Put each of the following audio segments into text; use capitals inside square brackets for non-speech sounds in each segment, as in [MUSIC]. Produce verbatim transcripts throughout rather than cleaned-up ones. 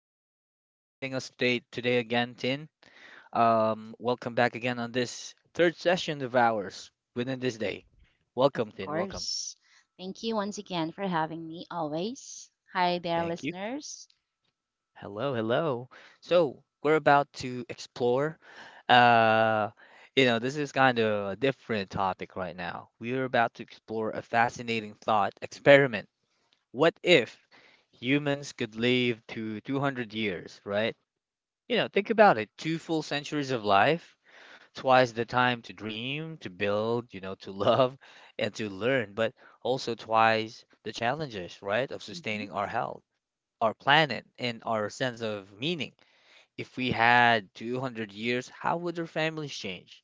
you for joining us today today again, Tin. Um, welcome back again on this third session of ours within this day. Of Welcome, Tin. Welcome. course. Thank you once again for having me always. Hi there, Thank you. listeners. Hello, hello. So we're about to explore. Uh, you know, this is kind of a different topic right now. We are about to explore a fascinating thought experiment. What if humans could live to two hundred years, right? You know, think about it, two full centuries of life, twice the time to dream, to build, you know, to [LAUGHS] love and to learn, but also twice the challenges, right, of Mm-hmm, sustaining our health, our planet, and our sense of meaning. If we had two hundred years, how would our families change?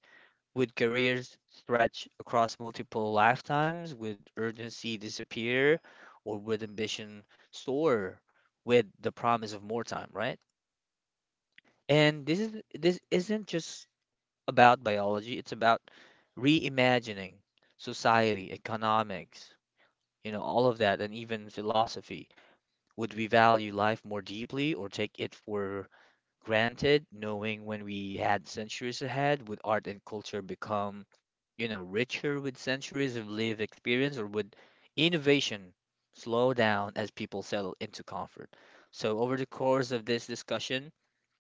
Would careers stretch across multiple lifetimes? Would urgency disappear? Or would ambition soar with the promise of more time, right? And this is this isn't just about biology, it's about reimagining society, economics, you know, all of that, and even philosophy. Would we value life more deeply or take it for granted, knowing when we had centuries ahead? Would art and culture become, you know, richer with centuries of lived experience, or would innovation slow down as people settle into comfort? So, over the course of this discussion,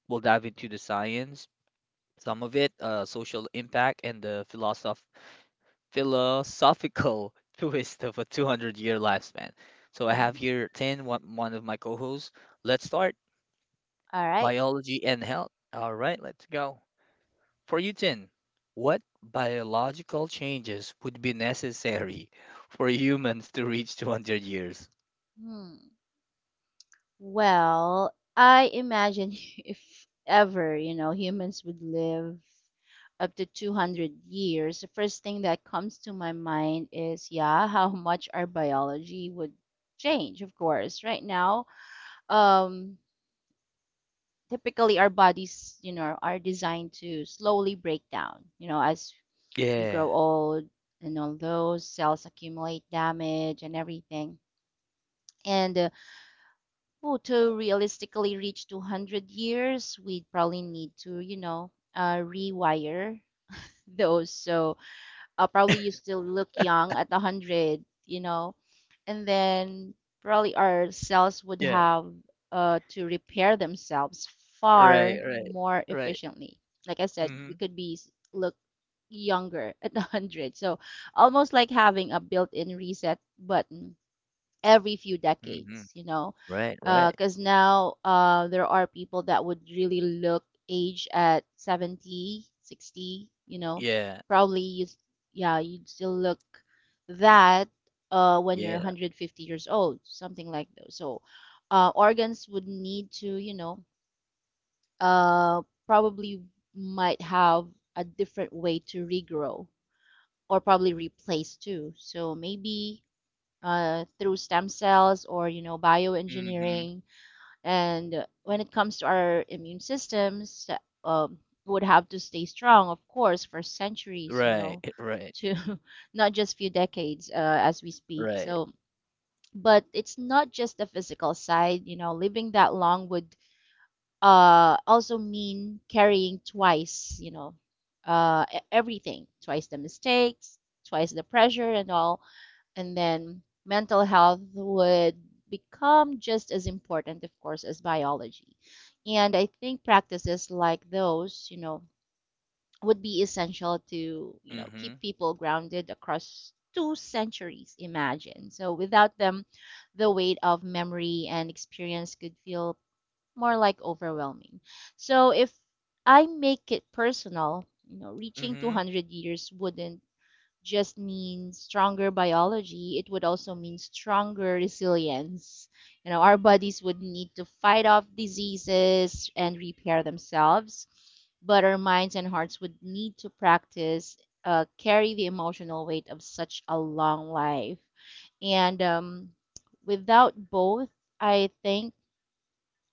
we'll dive into the science, some of it, uh, social impact, and the philosoph philosophical [LAUGHS] twist of a two hundred year lifespan. So I have mm-hmm. here ten, one one, of my co hosts. Let's start All right. biology and health. All right, let's go. For you, ten, what biological changes would be necessary for humans to reach two hundred years? Hmm. Well, I imagine [LAUGHS] if ever, you know, humans would live up to two hundred years. The first thing that comes to my mind is, yeah, [LAUGHS] how much our biology would change, of course. Right now, um, typically our bodies, you know, are designed to slowly break down, you know, as you Yeah, grow old and all those cells accumulate damage and everything. And uh, oh, to realistically reach two hundred years, we would probably need to, you know, uh, rewire those. So uh, probably you still look young at one hundred, you know, and then probably our cells would yeah, have uh, to repair themselves right, far right, more right. efficiently. Like I said, we Mm could be look younger at [LAUGHS] one hundred. So almost like having a built-in reset button every few hmm, mm hmm, decades, you know, right, right. because now uh, there are people that would really look age at seventy, sixty, you know, Yeah, probably you, s- yeah, you'd still look that uh, when you're yeah, one hundred fifty years old, something like that. So uh, organs would need to, you know, uh, probably might have a different way to regrow or probably replace too. So maybe uh, through stem cells or you know mm hmm, bioengineering. And when it comes to our immune systems, um, would have to stay strong, of course, for centuries. You right, know, [LAUGHS] right, to [LAUGHS] not just few decades uh, as we speak. right. So, but it's not just the physical side. You know, living that long would uh, also mean carrying twice. You know, uh, e- everything twice the mistakes, twice the pressure and all and then mental health would become just as important, of course, as biology. And I think practices like those, you know, would be essential to, you Mm know, hmm, keep people grounded across two centuries, imagine. So without them, the weight of memory and experience could feel more like overwhelming. So if I make it personal, you know, mm reaching hmm. two hundred years wouldn't just mean stronger biology, it would also mean stronger resilience. You know, our bodies would need to fight off diseases and repair themselves, but our minds and hearts would need to practice, uh, carry the emotional weight of such a long life. And um, without both, I think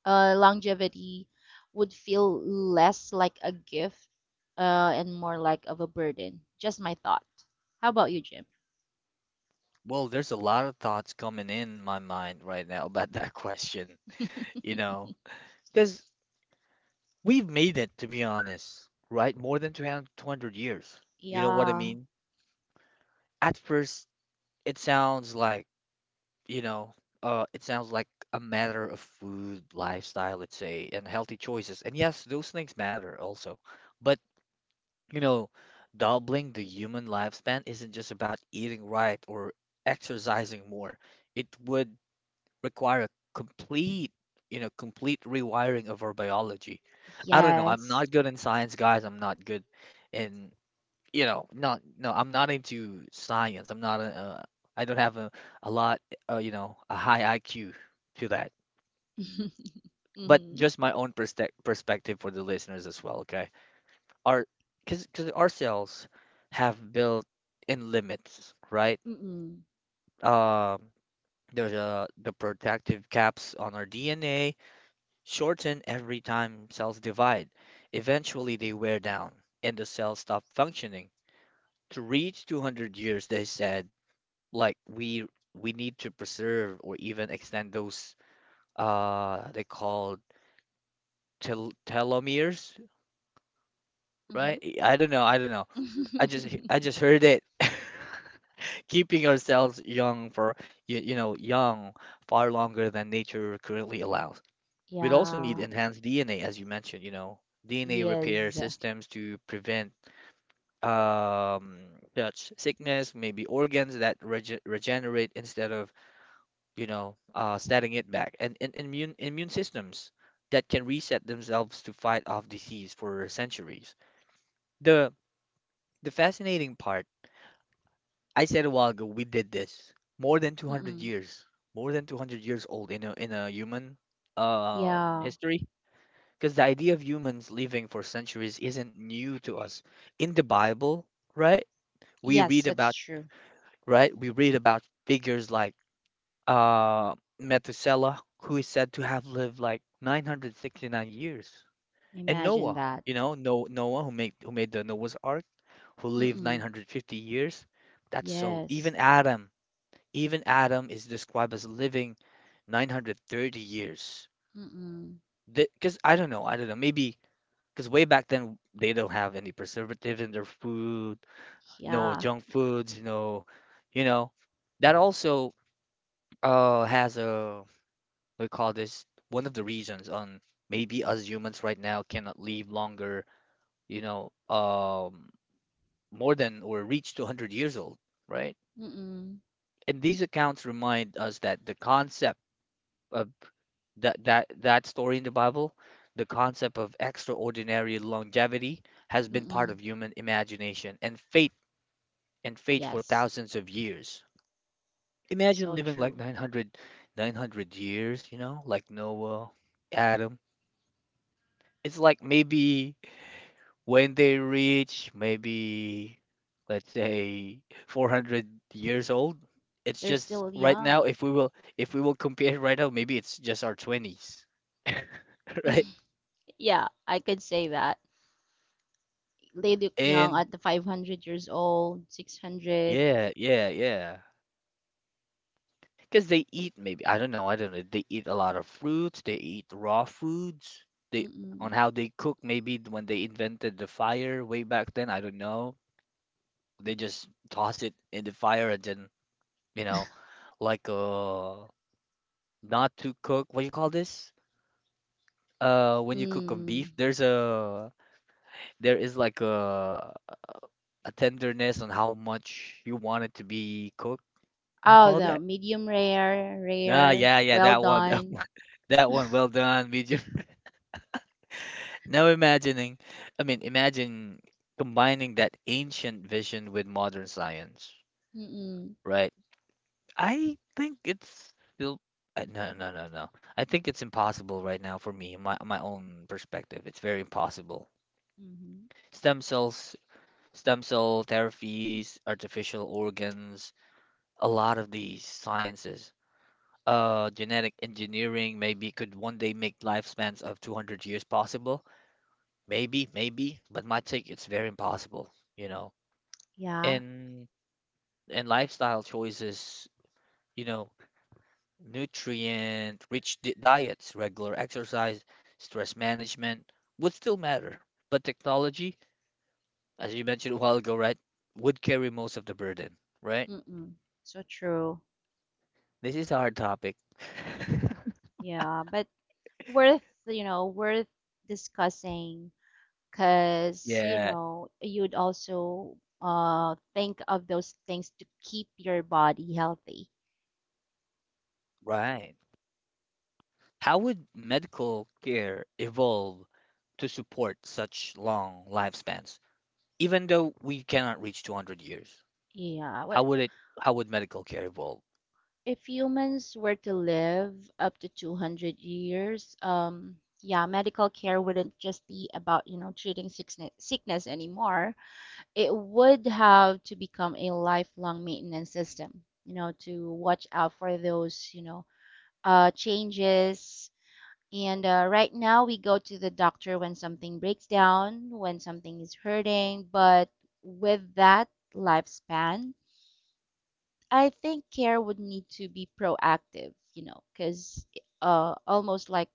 uh, longevity would feel less like a gift uh, and more like of a burden. Just my thought. How about you, Jim? Well, there's a lot of thoughts coming in my mind right now about that [LAUGHS] question, you know, because we've made it, to be honest, right? More than two hundred years. You know what I Yeah. mean? At first, it sounds like, you know, uh, it sounds like a matter of food, lifestyle, let's say, and healthy choices. And yes, those things matter also. But, you know, doubling the human lifespan isn't just about eating right or exercising more. It would require a complete, you know, complete rewiring of our biology. I don't know. I'm Yes. not good in science, guys. I'm not good in, you know, not no. I'm not into science. I'm not a. a I am not I do not have a a lot, uh, you know, a high I Q to that. [LAUGHS] But mhm. just my own perspe- perspective for the listeners as well. Okay, our because because our cells have built in limits, right? Um, there's uh the protective caps on our D N A shorten every time cells divide. Eventually, they wear down and the cells stop functioning. To reach two hundred years, they said, like we we need to preserve or even extend those uh they called tel- telomeres, Mhm. right? Mhm. I don't know, I don't know. I just I [LAUGHS] just heard it. [LAUGHS] Keeping ourselves young for you, you know young far longer than nature currently allows. We'd also need yeah. enhanced D N A, as you mentioned, you know, D N A repair Yes. systems to prevent um, such sickness, maybe organs that rege regenerate instead of, you know, uh, setting it back, and, and immune immune systems that can reset themselves to fight off disease for centuries. The the fascinating part, I said a while ago, we did this more than two hundred Mm-mm. years, more than two hundred years old in a in a human um Yeah. history. Because the idea of humans living for centuries isn't new to us. In the Bible, right? We read Yes, that's about, true. right? We read about figures like uh, Methuselah, who is said to have lived like nine hundred sixty-nine years, and Imagine Noah, that. you know, no Noah who made who made the Noah's Ark, who lived Mm-mm. nine hundred fifty years. That's so. Yes. Even Adam, even Adam is described as living nine hundred thirty years. Mm-mm. Because I don't know, I don't know. Maybe because way back then, they don't have any preservatives in their food, no Yeah. junk foods, no, you know. That also uh has a we call this one of the reasons on maybe us humans right now cannot live longer, you know, um more than or reach to one hundred years old, right? Mm-mm. And these accounts remind us that the concept of that that that story in the Bible, the concept of extraordinary longevity has been part Mm-mm. of human imagination and faith and faith for Yes. thousands of years. Imagine So living like true. nine hundred, nine hundred years, you know, like Noah, Adam. It's like maybe when they reach maybe, let's say, four hundred years old. It's They're just still right now, young. if we will, if we will compare right now, maybe it's just our twenties, [LAUGHS] right? [LAUGHS] Yeah, I could say that. They look young And at the five hundred years old, six hundred. yeah, yeah, yeah. Because they eat maybe I don't know, I don't know. They eat a lot of fruits, they eat raw foods. They on Mm-mm. how they cook maybe when they invented the fire way back then, I don't know. They just toss it in the fire and then, you know, like uh not to cook. What do you call this? Uh when you cook a beef, Mm. there's a there is like a a tenderness on how much you want it to be cooked. I Oh, call the that. medium rare, Ah, rare, yeah, yeah, well that one, that done. one, [LAUGHS] that one. Well done, medium. Now imagining, I mean, imagine combining that ancient vision with modern science, Mm-mm. right? I think it's still uh, no, no, no, no. I think it's impossible right now for me, my my own perspective. It's very impossible. Hmm. Stem cells, stem cell therapies, artificial organs, a lot of these sciences. Uh, genetic engineering maybe could one day make lifespans of two hundred years possible. Maybe, maybe, but my take it's very impossible, you know Yeah. and and lifestyle choices, you know, nutrient rich di- diets, regular exercise, stress management would still matter. But technology, as you mentioned a while ago, right, would carry most of the burden, right? Mm-mm. So true. This is a hard topic. [LAUGHS] Yeah, but worth, you know, worth discussing because, you Yeah, know, you'd also uh think of those things to keep your body healthy. right. How would medical care evolve to support such long lifespans? Even though we cannot reach two hundred years, Yeah. how What would it, how would medical care evolve? if humans were to live up to two hundred years? Um, yeah, medical care wouldn't just be about, you know, treating sickness sickness anymore. It would have to become a lifelong maintenance system, you know, to watch out for those, you know, uh, changes. And uh, right now, we go to the doctor when something breaks down, when something is hurting. But with that lifespan, I think care would need to be proactive, you know, because uh, almost like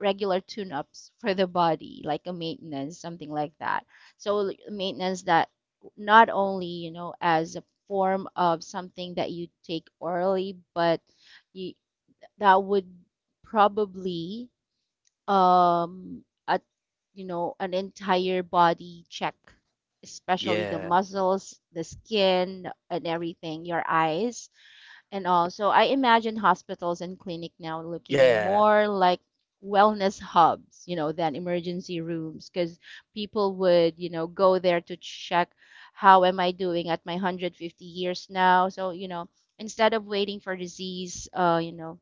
regular tune-ups for the body, like a maintenance, something like that. So like, maintenance that not only, you know, as a form of something that you take orally, but you, that would probably um at you know an entire body check, especially the Yeah. muscles, the skin, and everything, your eyes and all. So I imagine hospitals and clinic now looking Yeah, more like wellness hubs, you know, than emergency rooms because people would, you know, go there to check how am I doing at my one hundred fifty years now. So, you know, instead of waiting for disease, uh, you know,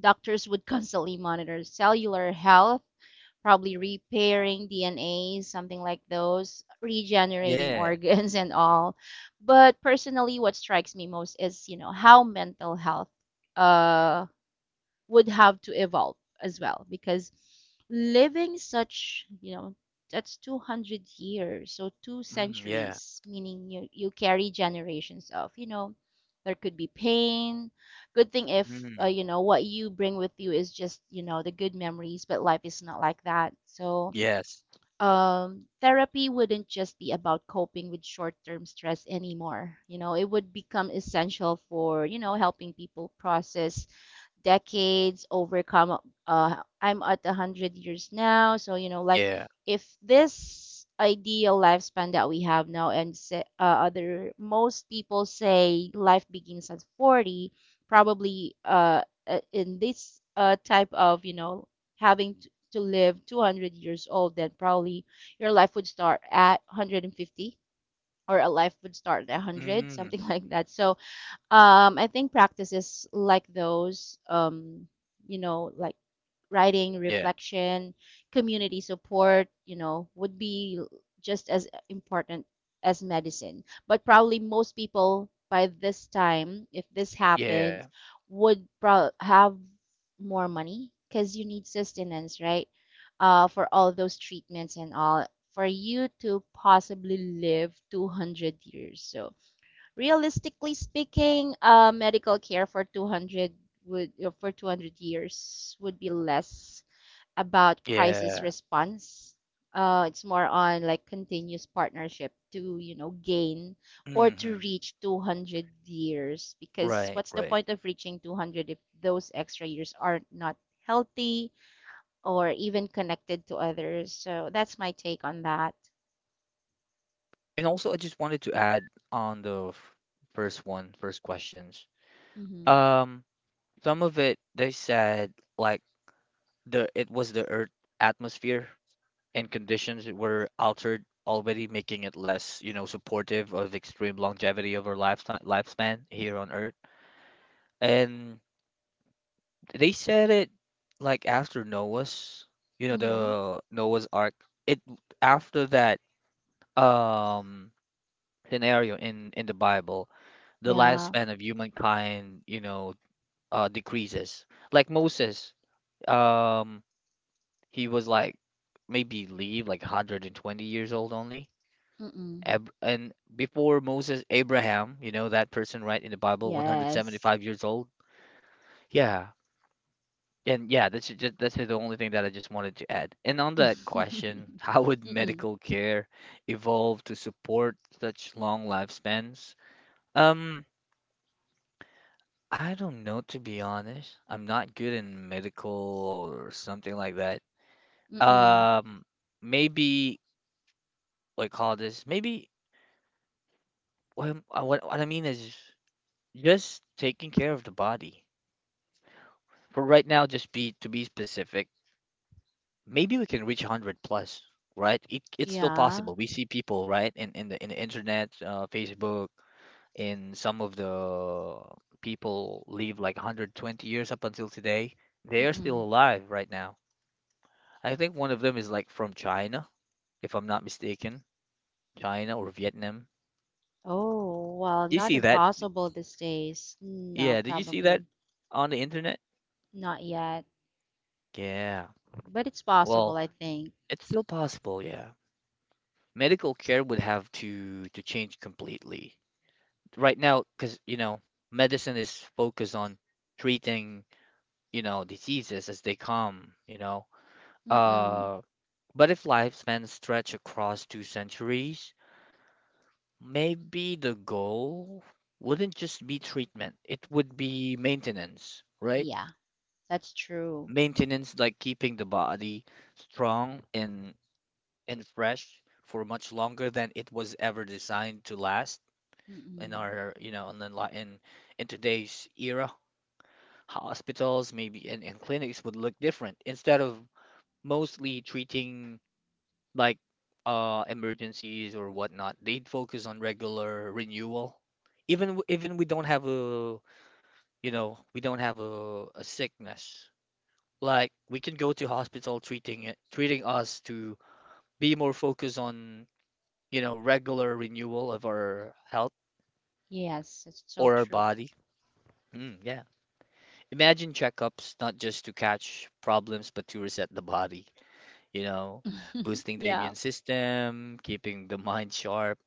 doctors would [LAUGHS] constantly monitor cellular health probably repairing D N A, something like those, regenerating [LAUGHS] yeah, organs and all. But personally, what strikes me most is, you know, how mental health uh, would have to evolve as well, because living such you know that's two hundred years, so two mm, yeah, centuries, meaning you, you carry generations of you know there could be pain. Good thing if uh, mm, you know what you bring with you is just you know the good memories, but life is not like that. So yes, um, therapy wouldn't just be about coping with short-term stress anymore. You know, it would become essential for you know helping people process decades overcome uh I'm at one hundred years now, so you know like yeah, if this ideal lifespan that we have now and say, uh, other most people say life begins at forty. Probably uh uh, in this uh type of you know having to, to live two hundred years old then probably your life would start at one hundred fifty or a life would start at one hundred mm, something [LAUGHS] like that. So um, I think practices like those, um, you know, like writing, yeah, reflection, community support, you know, would be just as important as medicine. But probably most people by this time, if this yeah, happens, would pro- have more money because you need sustenance, right? Uh, for all those treatments and all, for you to possibly live two hundred years. So realistically speaking, uh, medical care for two hundred would uh, for two hundred years would be less about crisis yeah, response. Uh, it's more on like continuous partnership to, you know, gain or to hmm. reach two hundred years, because Right, what's the right. point of reaching two hundred if those extra years are not healthy or even connected to others? So that's my take on that. And also, I just wanted to add on the f- first one, first questions. Mm-hmm. Um, some of it they said like the it was the Earth atmosphere and conditions were altered already, making it less, you know, supportive of extreme longevity over lifetime lifespan here on Earth. And they said it like after Noah's, you know, Mm-hmm. the Noah's Ark. It After that um scenario in in the Bible, the Yeah. lifespan of humankind, you know, uh decreases. Like Moses, um he was like maybe leave like one hundred twenty years old only. Mm-mm. Ab and before Moses, Abraham, you know that person right in the Bible, Yes. one hundred seventy-five years old. Yeah. And yeah, that's just that's the only thing that I just wanted to add. And on that question, [LAUGHS] how would [LAUGHS] Mm-mm. medical care evolve to support such long lifespans? Um, I don't know to be honest. I'm not good in medical or something like that. Mm-mm. Um, Maybe like call this maybe what, I'm- uh, what what I mean is just taking care of the body. For right now, just be to be specific, maybe we can reach one hundred plus, right? it, it's still Yeah. possible. We see people right in, in the in the internet, uh, Facebook, and some of the people live like one hundred twenty years up until today. They are still Mm-mm. alive right now. I think one of them is like from China, if I'm not mistaken, China or Vietnam. Oh, well, You not see that? impossible these days. No, Yeah, did you see that probably on the internet? not yet, Yeah. but it's Well, possible, I think. it's still possible, yeah. Medical care would have to to change completely right now because, you know, medicine is focused on treating, you know diseases as they come, you know Mm-mm. uh but if lifespans stretch across two centuries, maybe the goal wouldn't just be treatment, it would be maintenance, right? Yeah, that's true. Maintenance like keeping the body strong and and fresh for much longer than it was ever designed to last, in Mm-mm. our you know in the li- in in today's era. Hospitals, maybe, and, and clinics would look different, instead of mostly treating like uh emergencies or whatnot. They'd focus on regular renewal. Even w- even we don't have a you know we don't have a, a sickness. Like we can go to hospital, treating it treating us to be more focused on you know regular renewal of our health Yes, it's so or our true. body. Mm, yeah. Imagine checkups not just to catch problems but to reset the body, you know, boosting the Yeah, immune system, keeping the [LAUGHS] mind sharp.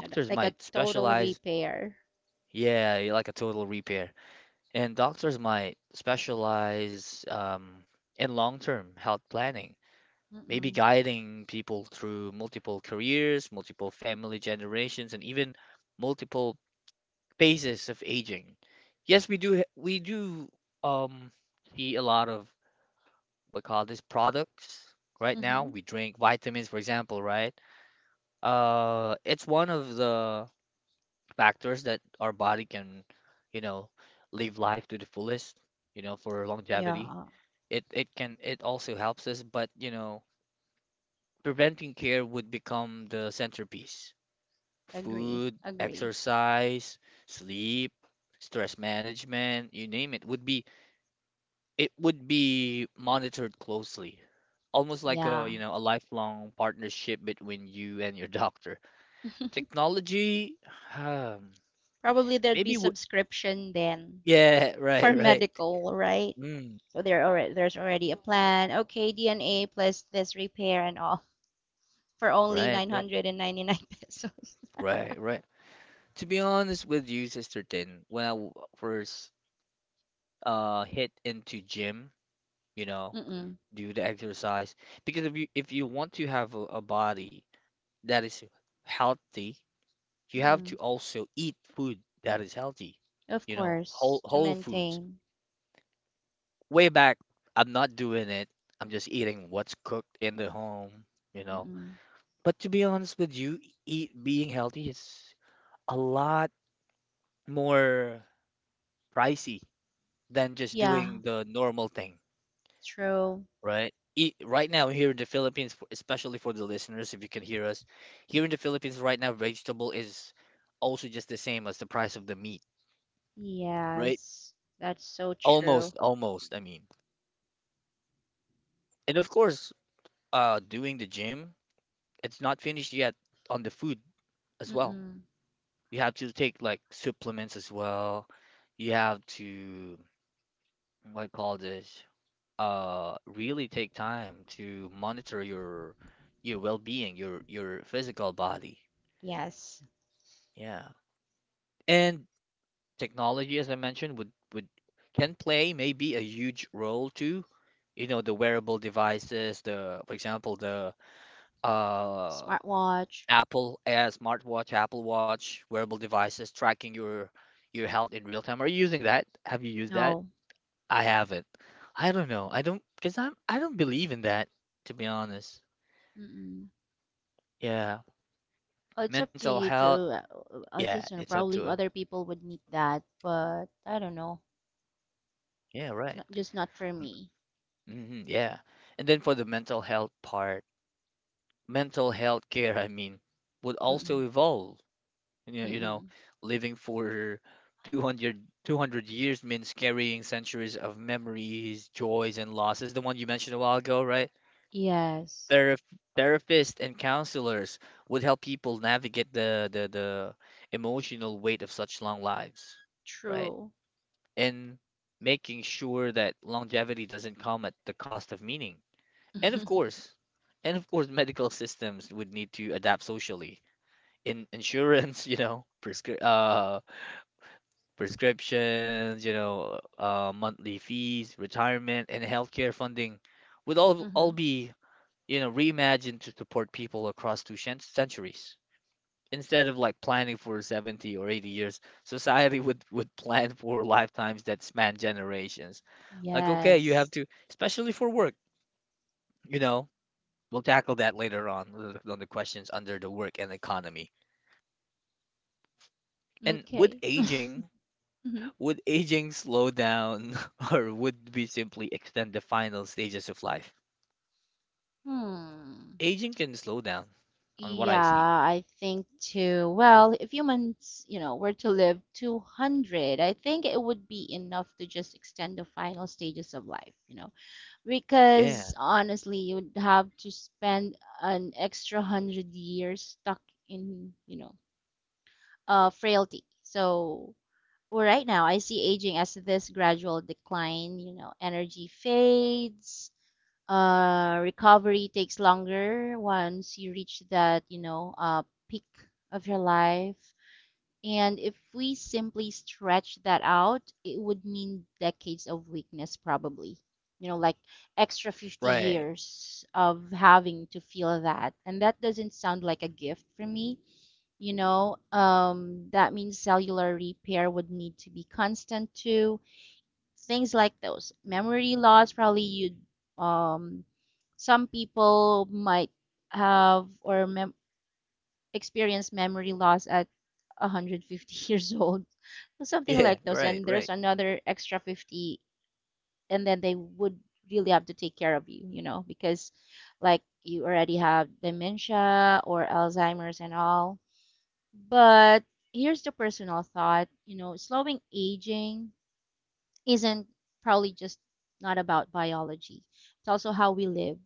and like a might total specialize, repair. yeah, like a total repair. And doctors might specialize um, in long-term health planning, maybe Mm-mm. guiding people through multiple careers, multiple family generations, and even multiple phases of aging. Yes, we do, ha- we do um, see a lot of what call this products right now. Mm-hmm. We drink vitamins, for example, right? Uh, it's one of the factors that our body can, you know, live life to the fullest, you know, for longevity. Yeah, It it can it also helps us, but you know, preventing care would become the centerpiece. agree, Food, agree. exercise, sleep, stress management, you name it, would be it would be monitored closely. Almost like a, Yeah, you know, a lifelong partnership between you and your [LAUGHS] doctor. Technology, probably [SIGHS] there'd be Maybe w subscription then yeah, [LAUGHS] for [LAUGHS] right, right. medical, right? Mm, So there already there's already a plan. Okay, D N A plus this repair and all for only right, right, nine hundred ninety-nine pesos. right, right. To be honest with you, Sister Tin, when I w- first uh hit into gym, you [LAUGHS] know, Mm-mm. do the exercise, because if you if you want to have a, a body that is healthy, you have to Mm-mm. also eat food that is healthy, Of you know, whole course, to whole foods. maintain. Way back, I'm not doing it. I'm just eating what's cooked in the home, you know. Mm-mm. But to be honest with you, eat being healthy is a lot more pricey than just Yeah, doing the normal thing, true. right? E- right now here in the Philippines, f- especially for the listeners, if you can hear us, here in the Philippines right now, vegetable is also just the same as the price of the meat, right? Yes, that's so true. Almost, almost, I mean. And of course, uh, doing the gym, it's not finished yet on the food as well. Mm-mm. You have to take like supplements as well. You have to, what do you call this? Uh really take time to monitor your your well-being, your your physical body. Yes. Yeah. And technology, as I mentioned, would would can play maybe a huge role too. You know, the wearable devices, the for example, the uh Smartwatch. Apple uh, smartwatch, Apple Watch, wearable devices tracking your your health in real time. Are you using that? Have you used that? No. I haven't. I don't know. I don't because I'm I don't believe in that, to be honest. Mm-mm. Yeah. Oh, it's up to Mental you to. health, uh, uh, I yeah, just you know, it's up probably to us. other people would need that, but I don't know. Yeah, right. Not, just not for me. Mm-hmm, yeah. And then for the mental health part, mental health care, I mean, would also Mm-mm. evolve. You know, you know, Mm-mm. Living for two hundred two hundred years means carrying centuries of memories, joys, and losses. The one you mentioned a while ago, right? Yes. Therap Therapists and counselors would help people navigate the, the, the emotional weight of such long lives, right? True. And making sure that longevity doesn't come at the cost of meaning. And of [LAUGHS] course, and of course, [LAUGHS] medical systems would need to adapt socially. In insurance, [LAUGHS] you know, prescri- uh, prescriptions, you know, uh, monthly fees, retirement, and healthcare funding would all all Hmm. be, you know, reimagined to support people across two cent centuries, instead of like planning for seventy or eighty years. Society [LAUGHS] would would plan for lifetimes that span generations. Like, okay, you have Yes. to, especially for work, you know, we'll tackle that later on with- on the questions under the work and economy. And would Okay. aging, Hmm. would aging slow down [LAUGHS] or would we simply extend the final stages of life? Hmm. Aging can slow down on what Yeah, I see. I think too. Well, if humans, you know, were to live two hundred, I think it would be enough to just extend the final stages of life, you know, Yeah, because honestly, you'd have to spend an extra one hundred years stuck in, you know, uh, frailty. So well, right now, I see aging as this gradual decline. You know, energy fades, uh, recovery takes longer once you reach that, you know, uh, peak of your life. And if we simply stretch that out, it would mean decades of weakness, probably. You know, like extra fifty right. years of having to feel that. And that doesn't sound like a gift for me. You know, um, that means cellular repair would need to be constant too, things like those memory loss probably you um, some people might have or mem- experience memory loss at one hundred fifty [LAUGHS] years old, something Yeah, like those, right, and right. there's another extra fifty, and then they would really have to take care of you, you know, because like you already have dementia or Alzheimer's and all. But here's the personal thought, you know, slowing aging isn't probably just not about biology. It's also how we live.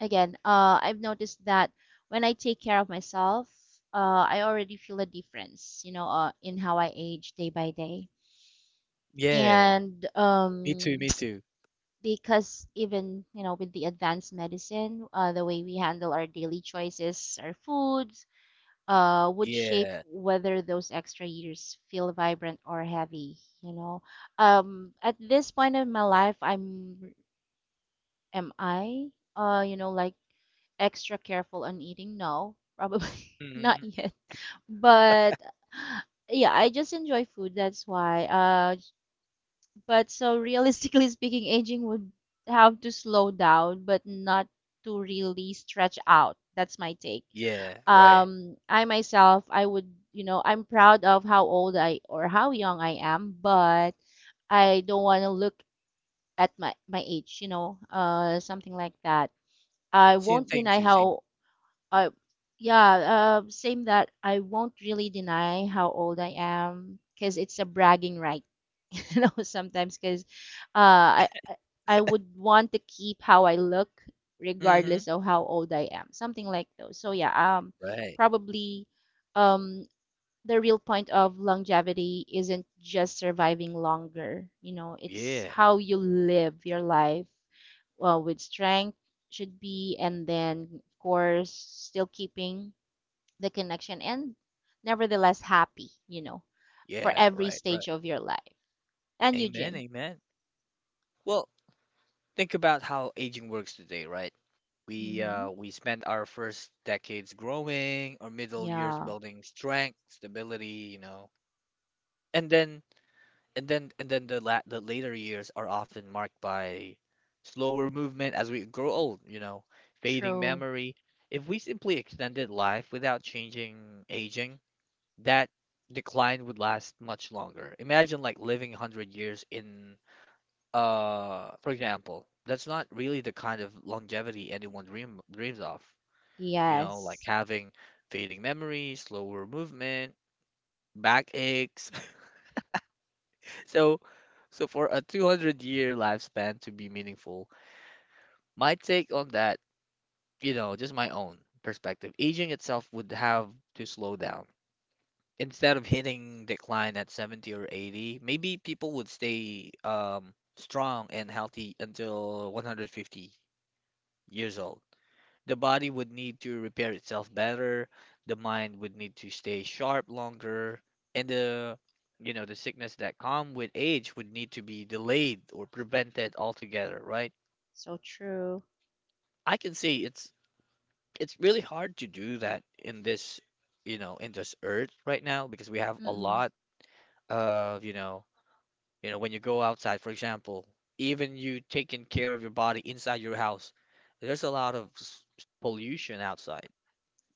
Again, uh, I've noticed that when I take care of myself, uh, I already feel a difference, you know, uh, in how I age day by day. Yeah. And Me too, um, me [TSK] too. because even, you know, with the advanced medicine, uh, the way we handle our daily choices, our foods, uh, would shape Yeah. whether those extra years feel vibrant or heavy. You know, um, at this point in my life, I'm am I, uh, you know, like extra careful on eating? No, probably [LAUGHS] not Mm-hmm. yet. But yeah, I just enjoy food. That's why. Uh, but so realistically [LAUGHS] speaking, aging would have to slow down, but not to really stretch out. That's my take. Yeah, right. um I myself, I would, you know, I'm proud of how old I or how young I am, but I don't want to look at my my age, you know, uh, something like that. I Same, won't same deny too, same. how uh yeah, uh same, that I won't really deny how old I am because it's a bragging right. [LAUGHS] You know, sometimes, because uh, I I I would want to keep how I look Hmm. regardless of how old I am, something like those. So yeah, um Right. probably, um the real point of longevity isn't just surviving longer, you know, it's Yeah. how you live your life well, with strength, should be, and then, of course, still keeping the connection and nevertheless happy, you know, for Yeah, every right, right. stage of your life. And you, Amen, Jim? amen. Well, think about how aging works today, right? We Mm-hmm. uh we spent our first decades growing, our middle years Yeah, building strength, stability, you know. And then and then and then the la the later years are often marked by slower movement as we grow old, you know, fading true. memory. If we simply extended life without changing aging, that decline would last much longer. Imagine like living one hundred years in uh for example, that's not really the kind of longevity anyone dream dreams of. You know, like Yes. having fading memory, slower movement, back aches. [LAUGHS] So, so for a two hundred year lifespan to be meaningful, my take on that, you know, just my own perspective, aging itself would have to slow down. Instead of hitting decline at seventy or eighty, maybe people would stay um, strong and healthy until one hundred fifty years old. The body would need to repair itself better, the mind would need to stay sharp longer, and the you know the sickness that come with age would need to be delayed or prevented altogether, right? So true. I can see it's it's really hard to do that in this, you know in this earth right now, because we have a Mm-mm. lot of you know. You know, when you go outside, for example, even you taking care of your body inside your house, there's a lot of s- pollution outside,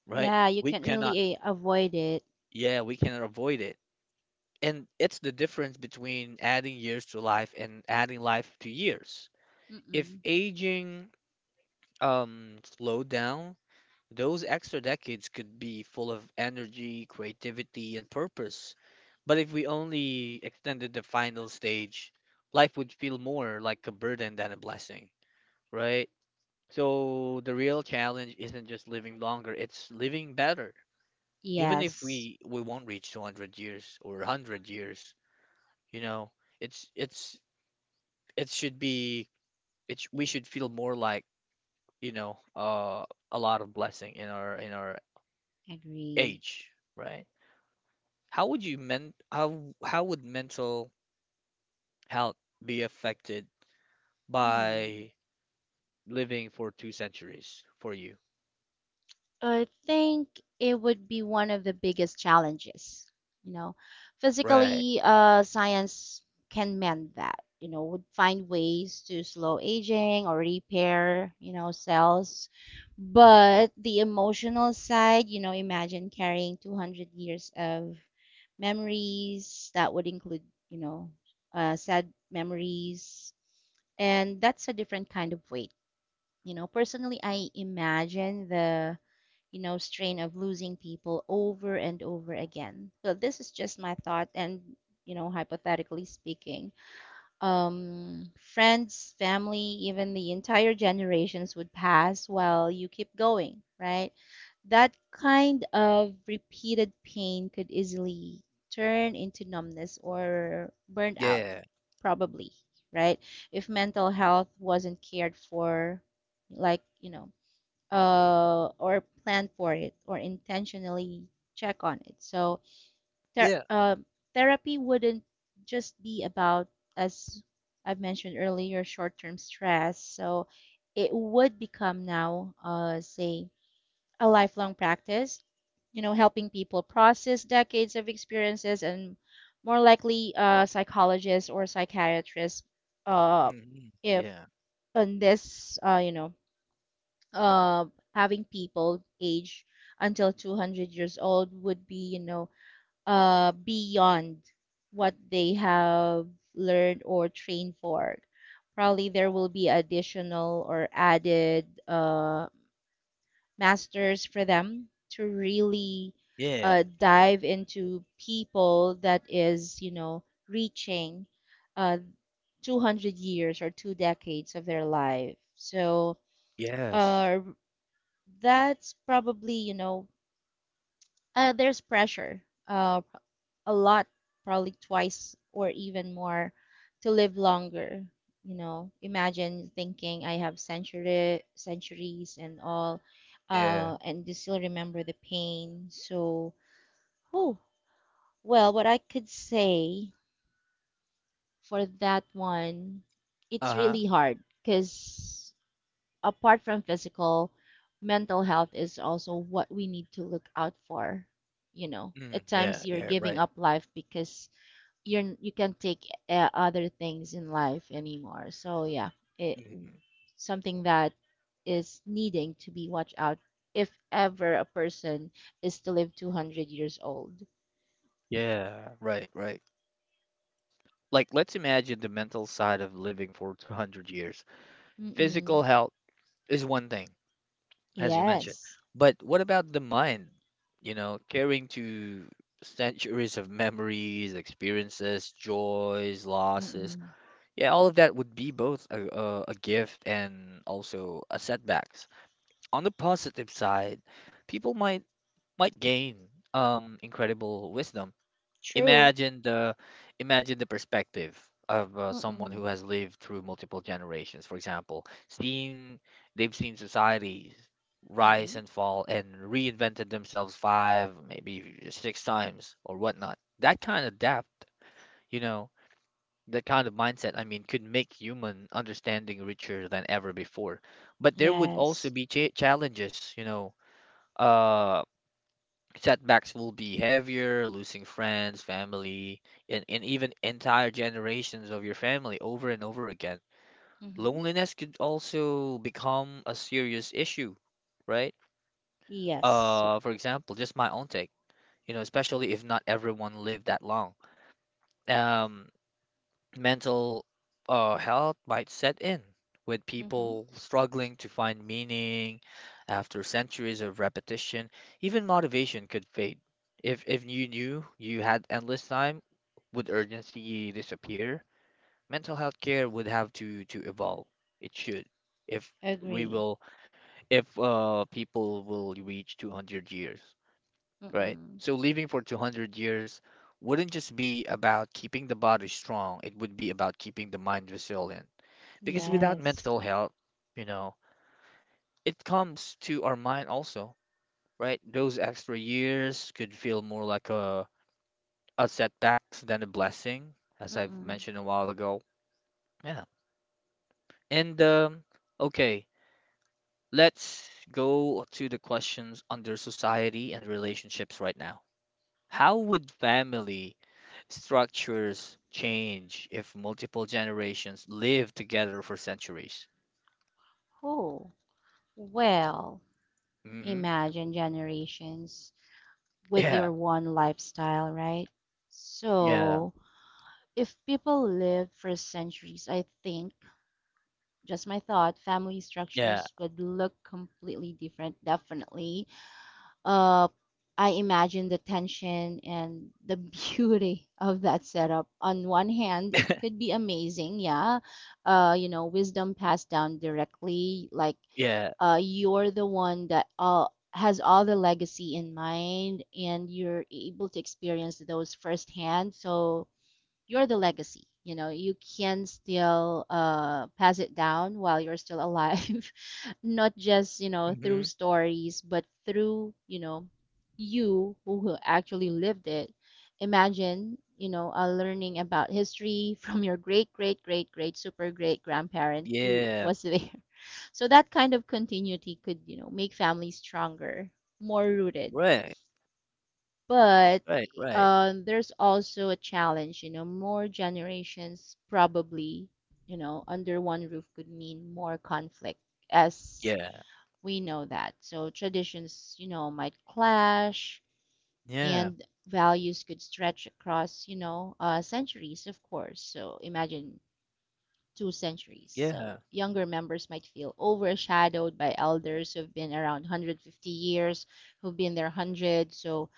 right? Yeah, you We can't cannot, really eh, avoid it. yeah, we cannot avoid it. And it's the difference between adding years to life and adding life to years. If Mm-mm. aging um slowed down, those extra decades could be full of energy, creativity, and purpose. But if we only extended the final stage, life would feel more like a burden than a blessing, right? So the real challenge isn't just living longer, it's living better. Even if Yes, we we won't reach two hundred years or one hundred years, you know, it's it's it should be it's we should feel more like, you know, uh a lot of blessing in our in our agree. age, right? How would you men how how would mental health be affected Hmm. by living for two centuries for you? I think it would be one of the biggest challenges. You know, Right. physically, uh, science can mend that. You know, would find ways to slow aging or repair, you know, cells. But the emotional side, you know, imagine carrying two hundred years of memories that would include, you know, uh, sad memories, and that's a different kind of weight. You know, personally, I imagine the, you know, strain of losing people over and over again. So this is just my thought, and, you know, hypothetically speaking, um, friends, family, even the entire generations would pass while you keep going, right? That kind of repeated pain could easily turn into numbness or burnout, Yeah. probably, right? If mental health wasn't cared for, like, you know, uh, or planned for it or intentionally check on it. So, Ther- Yeah. uh, therapy wouldn't just be about, as I've mentioned earlier, short term stress. So it would become now, uh, say, a lifelong practice, you know, helping people process decades of experiences and more likely, uh, psychologists or psychiatrists, uh, Hmm. if Yeah. on this, uh, you know, uh, having people age until two hundred years old would be, you know, uh, beyond what they have learned or trained for. Probably there will be additional or added, uh, masters for them to really, Yeah. uh, dive into people that is, you know, reaching, uh, two hundred years or two decades of their life. So, Yes. uh, that's probably, you know, uh, there's pressure, uh, a lot, probably twice or even more, to live longer. You know, imagine thinking I have century, centuries and all, Yeah. uh, and you still remember the pain. So, oh, well, what I could say for that one, it's Uh-huh. really hard because apart from physical, mental health is also what we need to look out for. You know, Mm, at times yeah, you're yeah, giving right. up life because you're you can't take, uh, other things in life anymore. So yeah, it Mhm. something that is needing to be watched out if ever a person is to live two hundred years old. Yeah, right, right. Like, let's imagine the mental side of living for two hundred years. Physical Mm-mm. health is one thing, as you mentioned. Yes. But what about the mind? You know, carrying to centuries of memories, experiences, joys, losses. Mm-mm. Yeah, all of that would be both a, a, a gift and also a setbacks. On the positive side, people might might gain um incredible wisdom. True. Imagine the Imagine the perspective of uh, someone Mm-mm. who has lived through multiple generations. For example, seen they've seen society rise Mm-mm. and fall and reinvented themselves five, maybe six times or whatnot. That kind of depth, you know, that kind of mindset, I mean, could make human understanding richer than ever before. But there would also Yes. be cha challenges, you know, uh setbacks will be heavier, losing friends, family, and, and even entire generations of your family over and over again. Mm-hmm. Loneliness could also become a serious issue, right? Yes. So, Uh, for example, just my own take, you know, especially if not everyone lived that long. Um, mental uh, health might set in, with mm-hmm. people struggling to find meaning after centuries of repetition. Even motivation could fade. If if you knew you had endless time, would urgency disappear? Mental health care would have to to evolve. It should, if we Agree. will, if uh people will reach two hundred years, right? Mm-mm. So living for two hundred years wouldn't just be about keeping the body strong, it would be about keeping the mind resilient. Because without Yes. mental health, you know, it comes to our mind also, right? Those extra years could feel more like a, a setback than a blessing, as I've Mm-mm. mentioned a while ago. Yeah. And um, okay, let's go to the questions under society and relationships right now. How would family structures change if multiple generations live together for centuries? Oh, well, Hmm. imagine generations with Yeah, your one lifestyle, right? yeah, So if people lived for centuries, I think, just my thought, family yeah, structures would look completely different, definitely. Uh, I imagine the tension and the [LAUGHS] beauty of that setup. On one hand, it could [LAUGHS] be amazing, yeah. Uh, you know, wisdom passed down directly, like, yeah, uh, you're the one that all has all the legacy in mind, and you're able to experience those firsthand. So you're the legacy, you know, you can still, uh, pass it down while you're still alive, [LAUGHS] not just, you know, through hmm, stories, but through, you know, you who actually lived it. Imagine, you know, uh, learning about history [LAUGHS] from your great great great great super great grandparent who yeah, was there. [LAUGHS] So that kind of continuity could, you know, make families stronger, more rooted. right, But right, right, um, there's also a challenge, you know. More generations probably, you know, under one roof could mean more conflict, as yeah, we know that. So traditions, you know, might clash, yeah, and values could stretch across, you know, uh, centuries, of course. So imagine two centuries. yeah, So younger members might feel overshadowed by elders who've been around one hundred fifty years, who've been there one hundred. So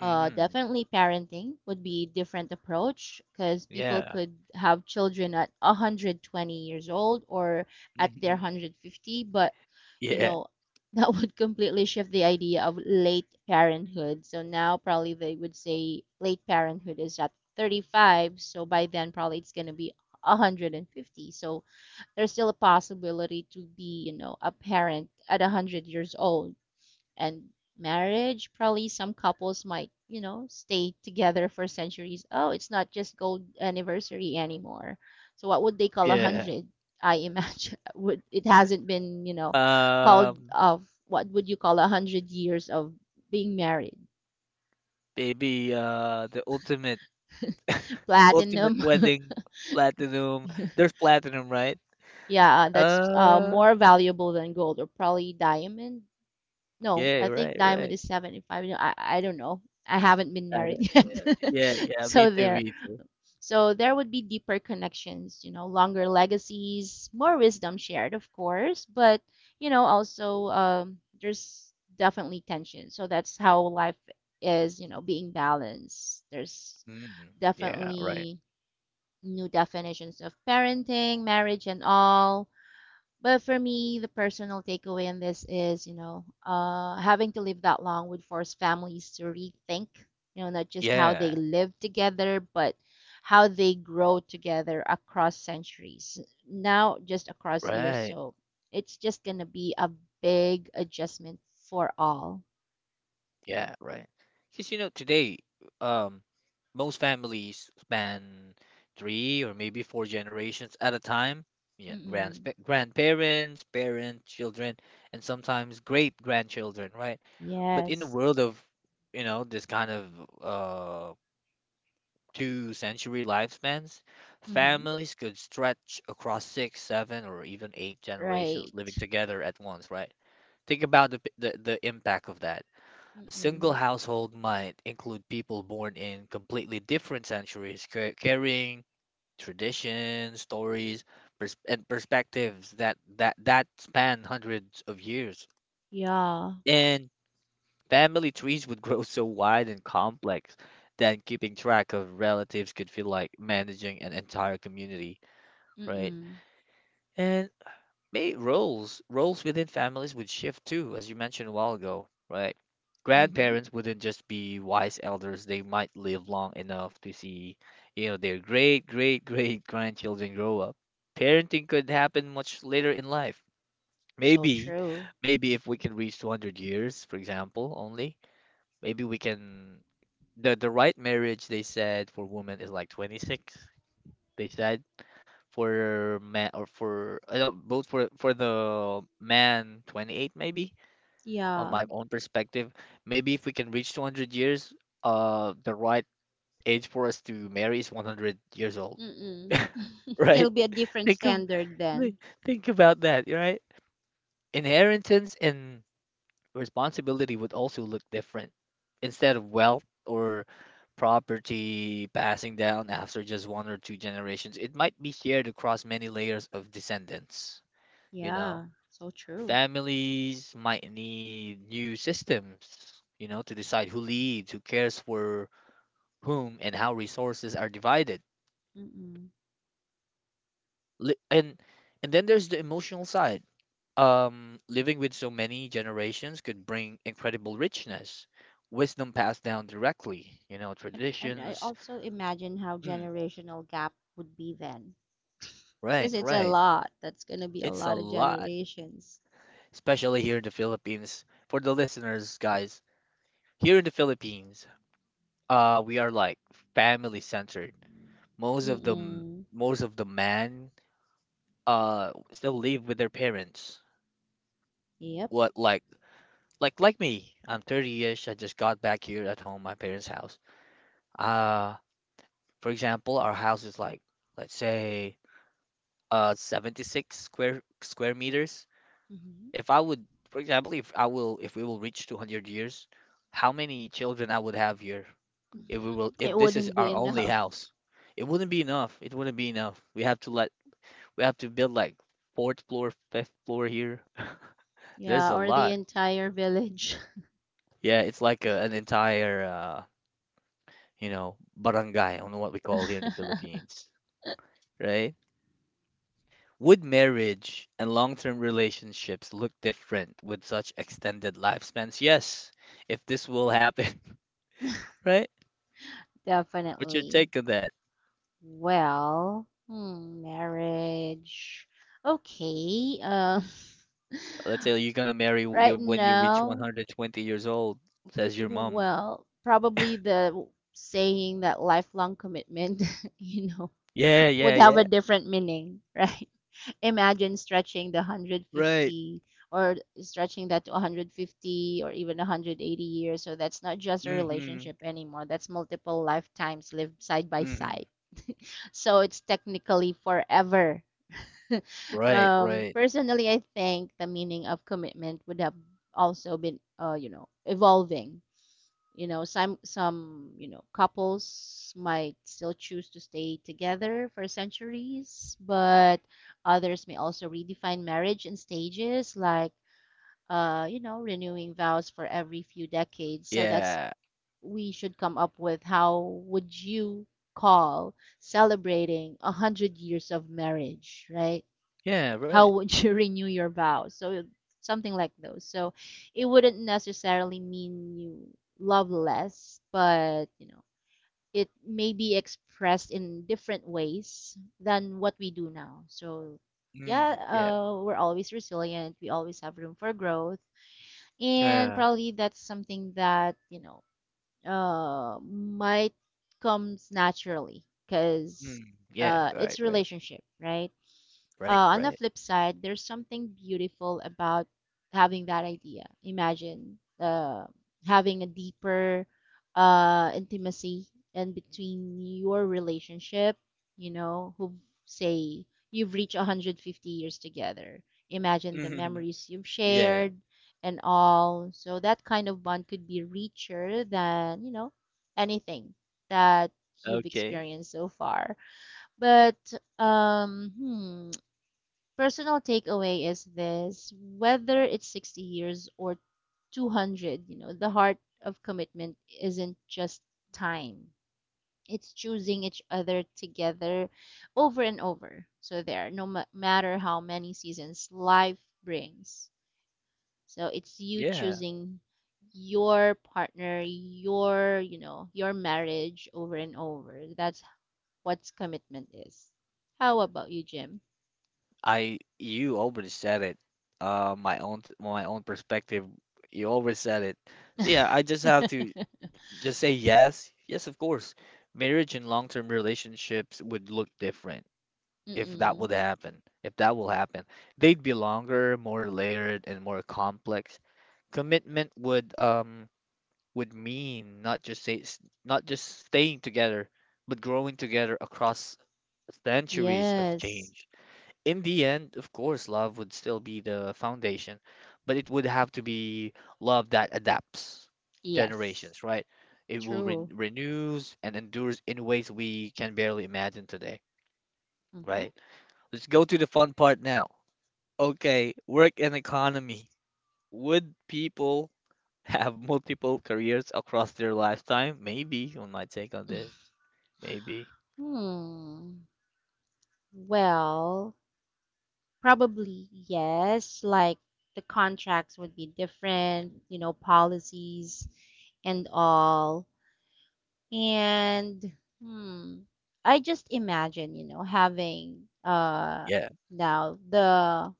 uh, hmm, definitely parenting would be different approach because people yeah, could have children at one hundred twenty years old or at their hmm, one hundred fifty. But you yeah, know, [LAUGHS] that would completely shift the idea of late parenthood. So now probably they would say late parenthood is at thirty-five, so by then probably it's going to be one hundred fifty. So there's still a possibility to be, you know, a parent at one hundred years old. And marriage. Probably some couples might, you know, stay together for centuries. Oh, it's not just gold anniversary anymore. So what would they call a yeah. hundred? I imagine [LAUGHS] would it hasn't been, you know, called Um, of what would you call a hundred years of being married? maybe uh, the ultimate, [LAUGHS] [LAUGHS] ultimate Platinum. [LAUGHS] wedding platinum. There's platinum, right? Yeah, that's, uh, Uh. more valuable than gold or probably diamond. No, Yeah, I think right, diamond right. is seventy-five. No, I, I don't know. I haven't been And, married [LAUGHS] yet. uh, yeah, [LAUGHS] yeah, me So too, there. me too. So there would be deeper connections, you know, longer legacies, more wisdom shared, of course, but, you know, also, um, there's definitely tension. So that's how life is, you know, being balanced. There's Mm, yeah, right. definitely new definitions of parenting, marriage, and all. But for me, the personal takeaway in this is, you know, uh, having to live that long would force families to rethink, you know, not just how they Yeah, live together, but how they grow together across centuries. Now, just across years. right. So it's just going to be a big adjustment for all. Yeah, right. Because you know, today, um, most families span three or maybe four generations at a time. Yeah, grand Mm-mm. grandparents, parents, children, and sometimes great grandchildren, right? But in a Yes. world of, you know, this kind of uh, two century lifespans, Mm-hmm. families could stretch across six, seven, or even eight Right. generations living together at once, right? Think about the, p- the, the impact of that. A single Mm-mm. household might include people born in completely different centuries, ca- carrying traditions, stories, pers- and perspectives that, that, that span hundreds of years. Yeah. And family trees would grow so wide and complex that keeping track of relatives could feel like managing an entire community, right? Mm-mm. And may roles roles within families would shift too, as you mentioned a while ago, right? Mm-hmm. Grandparents wouldn't just be wise elders, they might live long enough to see, you know, their great great [LAUGHS] great grandchildren grow up. Parenting could happen much later in life. So Maybe, true. maybe if we can reach two hundred years, for example, only, maybe we can, the the right marriage, they said, for women is like twenty-six. They said for man, or for, I don't, both for for the man twenty-eight maybe. On Yeah. my own perspective, maybe if we can reach two hundred years, uh the right age for us to marry is one hundred years old. Mm. [LAUGHS] [LAUGHS] It'll Right, be a different think of, standard like, then. think about that, right? Inheritance and responsibility would also look different. Instead of wealth or property passing down after just one or two generations, it might be shared across many layers of descendants. You know, Yeah, so true. families might need new systems, you know, to decide who leads, who cares for whom, and how resources are divided. Mm-mm. Li- And and then there's the emotional side. Um, living with so many generations could bring incredible richness, wisdom passed down directly, you know, And and I traditions. also imagine how Mm, generational gap would be then, because right, it's a right. lot. That's gonna be a It's a lot of lot, generations. especially here in the Philippines. For the listeners, guys, here in the Philippines, uh, we are like family centered. Most of the m- Mm-mm. most of the men uh still live with their parents. Yep. What, like like like me? I'm thirty-ish. I just got back here at home, my parents' house. Uh. For example, our house is, like, let's say, uh, seventy-six square square meters. Hmm. If I would, for example, if I will, if we will reach two hundred years, how many children I would have here? If we will, [LAUGHS] if It this is wouldn't be our only enough. house, It wouldn't be enough. It wouldn't be enough. We have to let, we have to build like fourth floor, fifth floor here. [LAUGHS] There's a Yeah, or the lot. entire village. Yeah, it's like a, an entire, uh, you know, barangay. I don't know what we call here in the [LAUGHS] Philippines, right? Would marriage and long term relationships look different with such extended lifespans? Yes, if this will happen, [LAUGHS] right? What's your Definitely. take on that? Well, hmm, marriage. Okay. Uh, Let's say you're gonna marry, [LAUGHS] w- your right when you reach now. one hundred twenty years old, says your mom. Well, probably the saying that lifelong commitment, [LAUGHS] you know, Yeah, yeah, would have a yeah. different meaning, right? [LAUGHS] Imagine stretching the Right. 150 or Stretching that to one hundred fifty or even one hundred eighty years. So that's not just a Mm-hmm. relationship anymore. That's multiple lifetimes lived side by Mm-hmm. side. So it's technically forever. Right, Um, right. personally, I think the meaning of commitment would have also been, uh, you know, evolving, you know. Some some, you know, couples might still choose to stay together for centuries, but others may also redefine marriage in stages, like, uh, you know, renewing vows for every few decades. So that's, Yeah. we should come up with how would you call celebrating a hundred years of marriage, right? Yeah, How right. would you [LAUGHS] renew your vows? So something like those. So it wouldn't necessarily mean you love less, but you know, it may be expressed in different ways than what we do now. So yeah, Mm-hmm. Yeah. uh, we're always resilient, we always have room for growth, and Yeah. probably that's something that, you know, uh, might comes naturally because, Mm. Yeah, uh, right, it's right. relationship, right? Right, Uh, on the right. flip side, there's something beautiful about having that idea. Imagine, uh, having a deeper, uh, intimacy in between your relationship, you know, who say you've reached one hundred fifty years together. Imagine the Mm-hmm. memories you've [LAUGHS] Yeah. shared and all. So that kind of bond could be richer than, you know, anything that you've Okay. experienced so far. But, um, hmm, personal takeaway is this: whether it's sixty years or two hundred, you know, the heart of commitment isn't just time, it's choosing each other together over and over. So there, no ma- matter how many seasons life brings. So it's you Yeah. choosing your partner, your, you know, your marriage over and over. That's what commitment is. How about you, Jim? I You already said it. Uh, my own my own perspective. You already said it. So yeah, I just have [LAUGHS] to just say yes. Yes, of course. Marriage and long-term relationships would look different if that would Mm-mm. happen. If that will happen, they'd be longer, more layered, and more complex. Commitment would um would mean not just say s- not just staying together, but growing together across centuries of Yes. change. In the end, of course, love would still be the foundation, but it would have to be love that adapts Yes. generations, right? It will re True. renews and endures in ways we can barely imagine today, Mm-hmm. right? Let's go to the fun part now. Okay, work and economy. Would people [LAUGHS] have multiple careers across their lifetime? Maybe, on my take on this. Maybe. Hmm. Well, probably yes. Like the contracts would be different, you know, policies and all. And hmm, I just imagine, you know, having uh, Yeah. now the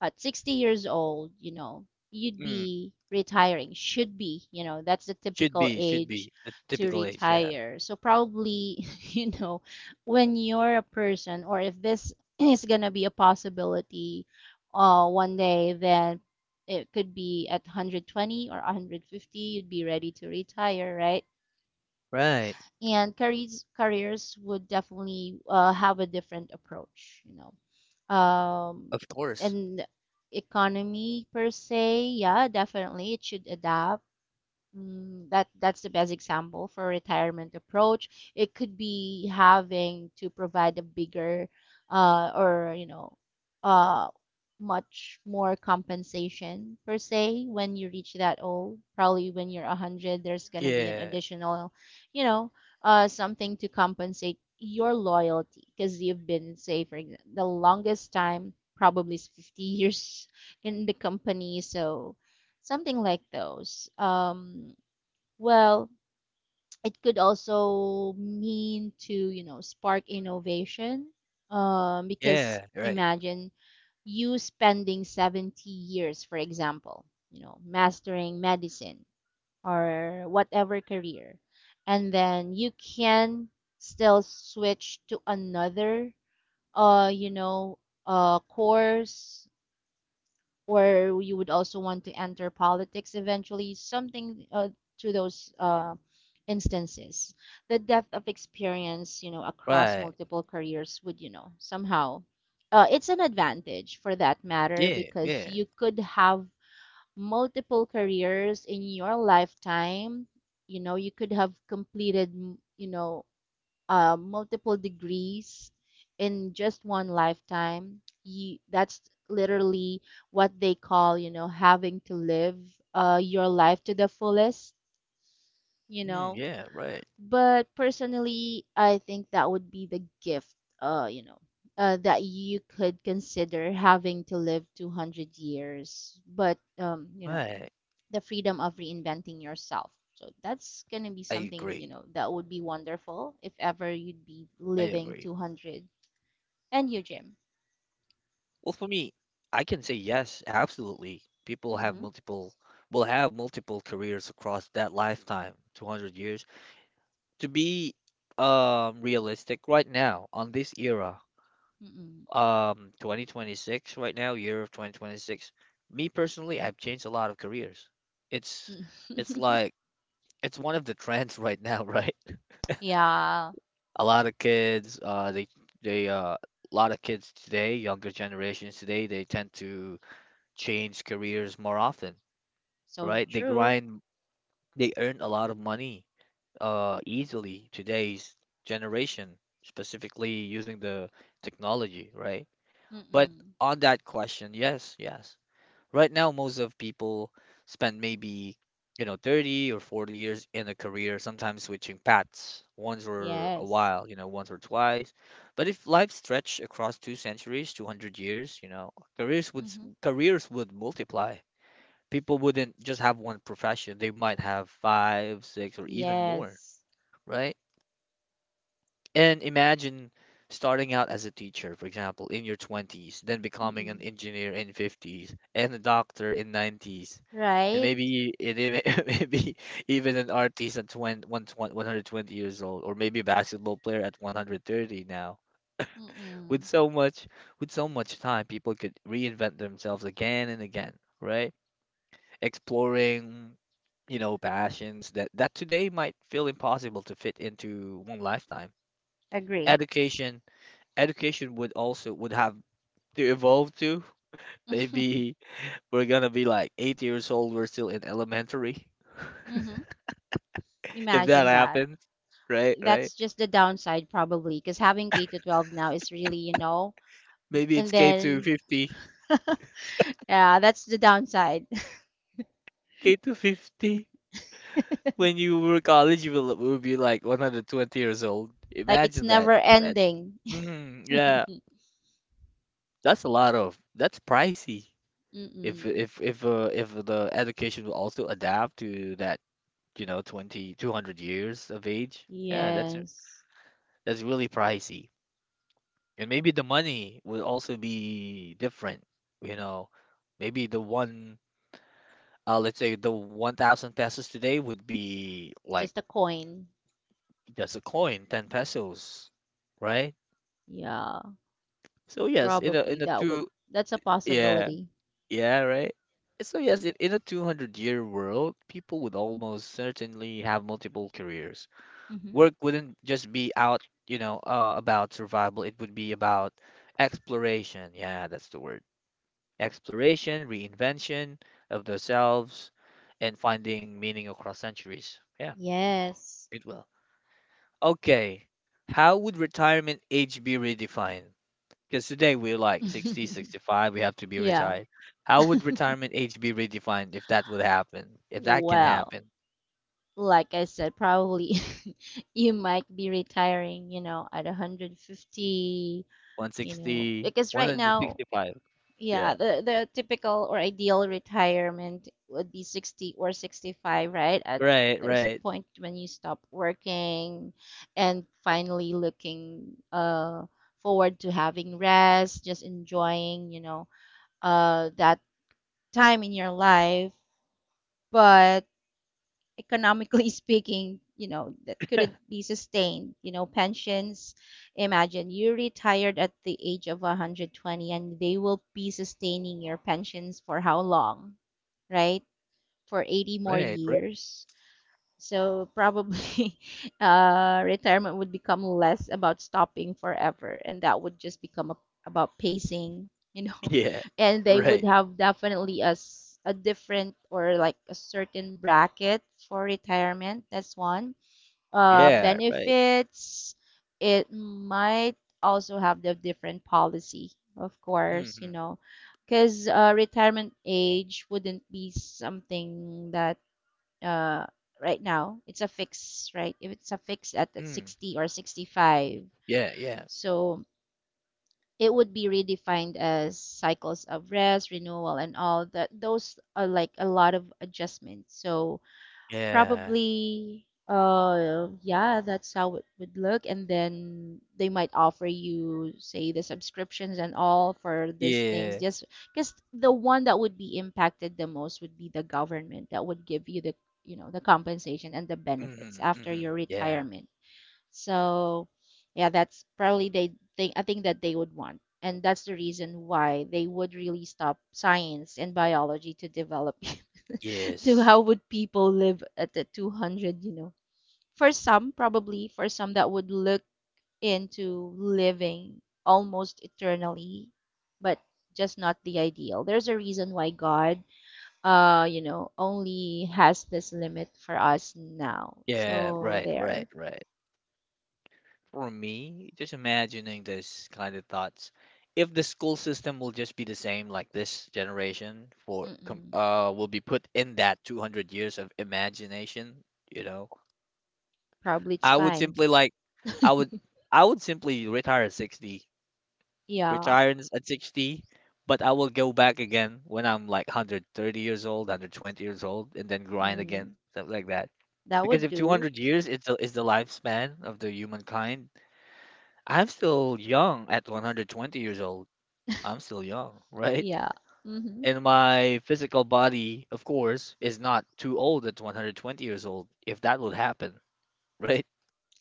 at sixty years old, you know, you'd Mm, be retiring, should be, you know, that's the should typical be, should age be. The to typical age, yeah. retire. So probably, [LAUGHS] you know, when you're a person, or if this [CLEARS THROAT] is gonna be a possibility, uh, one day, then it could be at one hundred twenty or one hundred fifty, you'd be ready to retire, right? Right. And careers careers would definitely, uh, have a different approach, you know. um, Of course. And economy per se, yeah, definitely it should adapt. Mm, that that's the best example for retirement approach. It could be having to provide a bigger, uh, or you know, uh, much more compensation per se when you reach that old. Probably when you're one hundred, there's going to be an Yeah, additional, you know, uh, something to compensate your loyalty because you've been, say, for example, the longest time probably is fifty [LAUGHS] years in the company. So something like those. Um, well, it could also mean to, you know, spark innovation. Um, because yeah, right, imagine you spending seventy years, for example, you know, mastering medicine or whatever career, and then you can still switch to another, uh, you know, uh, course, or you would also want to enter politics eventually, something, uh, to those, uh, instances. The depth of experience, you know, across right. multiple careers would, you know, somehow, uh, it's an advantage for that matter Yeah, because yeah, you could have multiple careers in your lifetime. You know, you could have completed, you know, uh, multiple degrees in just one lifetime you, that's literally what they call you know having to live uh, your life to the fullest you mm, know yeah, right, but personally, I think that would be the gift, uh, you know uh, that you could consider, having to live two hundred years. But um, you know right. The freedom of reinventing yourself. So that's gonna be I something, you agree. know, that would be wonderful if ever you'd be I living agree. two hundred. And you, Jim? Well, for me, I can say yes, absolutely. People have Mm-hmm. multiple, will have multiple careers across that lifetime, two hundred years. To be um realistic right now on this era, Mm-mm. um twenty twenty-six right now, year of twenty twenty-six, me personally, I've changed a lot of careers. It's it's Mm. like it's one of the trends right now, [LAUGHS] right? [LAUGHS] Yeah, A lot of kids, uh, they they uh, a lot of kids today, younger generations today, they tend to change careers more often, so right? They true. grind, they earn a lot of money, uh, easily today's generation, specifically using the technology, right? But Mm-mm. on that question, yes, yes. Right now, most of people spend maybe, you know, thirty or forty years in a career, sometimes switching paths once or a Yes. while, you know, once or twice. But if life stretched across two centuries, two hundred years, you know, careers would s- Mm-hmm. careers would multiply. People wouldn't just have one profession. They might have five, six, or even more, Yes. right? And imagine starting out as a teacher, for example, in your twenties, then becoming an Mm-mm. engineer in fifties and a doctor in nineties. And Right? maybe it, [LAUGHS] maybe even an artist at twenty, one hundred twenty years old or maybe a basketball player at one hundred thirty now. With Mm-mm. so much with so much time, people could reinvent themselves again and again, right? Exploring, you know, passions that that today might feel impossible to fit into one lifetime. Agree. Education education would also, would have to evolve too. [LAUGHS] Mm-hmm. Maybe we're gonna be like eight years old, we're still in elementary. [LAUGHS] If that Imagine that. happens, right, right. That's just the downside, probably, because having K to twelve now is really, you know, Maybe and it's K two then fifty. yeah, that's the downside. K two fifty. When you were college, you will, will be like one hundred twenty years old. Like it's Imagine that. never Ima- ending. Mm, yeah, [LAUGHS] that's a lot of, that's pricey. If Mm-mm. if if uh, if the education will also adapt to that, you know, twenty two hundred years of age, yeah, that's Yes. That's really pricey. And maybe the money would also be different, you know. Maybe the one, uh, let's say the one thousand pesos today would be like Just a coin. just a coin, ten pesos, right? Yeah, So yes, in a, probably in a that would, two, that's a yeah, possibility. yeah, right. So yes, in, in a two hundred year world, people would almost certainly have multiple careers. Hmm. Work wouldn't just be out, you know, uh, about survival. It would be about exploration. Yeah, that's the word. Exploration, reinvention of themselves, and finding meaning across centuries. Yeah, Yes. it will. Okay, how would retirement age be redefined? Because today we're like sixty, [LAUGHS] sixty-five. We have to be Yeah. retired. How would retirement age be redefined if that would happen? If that can Well, happen? like I said, probably, [LAUGHS] you might be retiring, you know, at one hundred fifty, one hundred you know, sixty, because one right hundred now, sixty-five. yeah, Yeah. the the typical or ideal retirement would be sixty or sixty-five, right? At, Right, there's a right. point when you stop working and finally looking uh forward to having rest, just enjoying, you know, uh that time in your life. But economically, [LAUGHS] speaking, you know, that couldn't [LAUGHS] be sustained. You know, pensions, imagine you retired at the age of one hundred twenty and they will be sustaining your pensions for how long, right? For eighty more Right, right. years. So probably, [LAUGHS] uh, retirement would become less about stopping forever, and that would just become a, about pacing, you know. Yeah, [LAUGHS] And they right. would have definitely a, s- a different, or like a certain bracket for retirement. That's one. Uh, Yeah, right. benefits, it might also have the different policy, of course, Mm-hmm. you know, because uh, retirement age wouldn't be something that uh, right now. It's a fix, right? If it's a fix at the Mm. sixty or sixty-five. Yeah, yeah. So it would be redefined as cycles of rest, renewal, and all that. Those are like a lot of adjustments. So Yeah. probably, uh, yeah, that's how it would look. And then they might offer you, say, the subscriptions and all for these things. Yeah. Just because the one that would be impacted the most would be the government that would give you the, you know, the compensation and the benefits Mhm, after your mhm. Yeah. retirement. So, yeah, that's probably they think, I think that they would want. And that's the reason why they would really stop science and biology to develop [LAUGHS] to Yes. how would people live at the two hundred, you know. For some, probably for some that would look into living almost eternally, but just not the ideal. There's a reason why God, uh, you know, only has this limit for us now. Yeah, So right, there. right, right. For me, just imagining this kind of thoughts. If the school system will just be the same, like this generation, for com Mm-mm. uh will be put in that two hundred years of imagination, you know, Probably it's I would fine. simply like I would [LAUGHS] I would simply retire at sixty, Yeah. retire in- at sixty, but I will go back again when I'm like one hundred thirty years old, one hundred twenty years old and then grind again, Mm, stuff like that. that Because if would two hundred do. years is the, is the lifespan of the humankind, I'm still young at one hundred twenty years old. I'm still young, right? Yeah. Mm-hmm. And my physical body, of course, is not too old at one hundred twenty years old, if that would happen, [LAUGHS] right?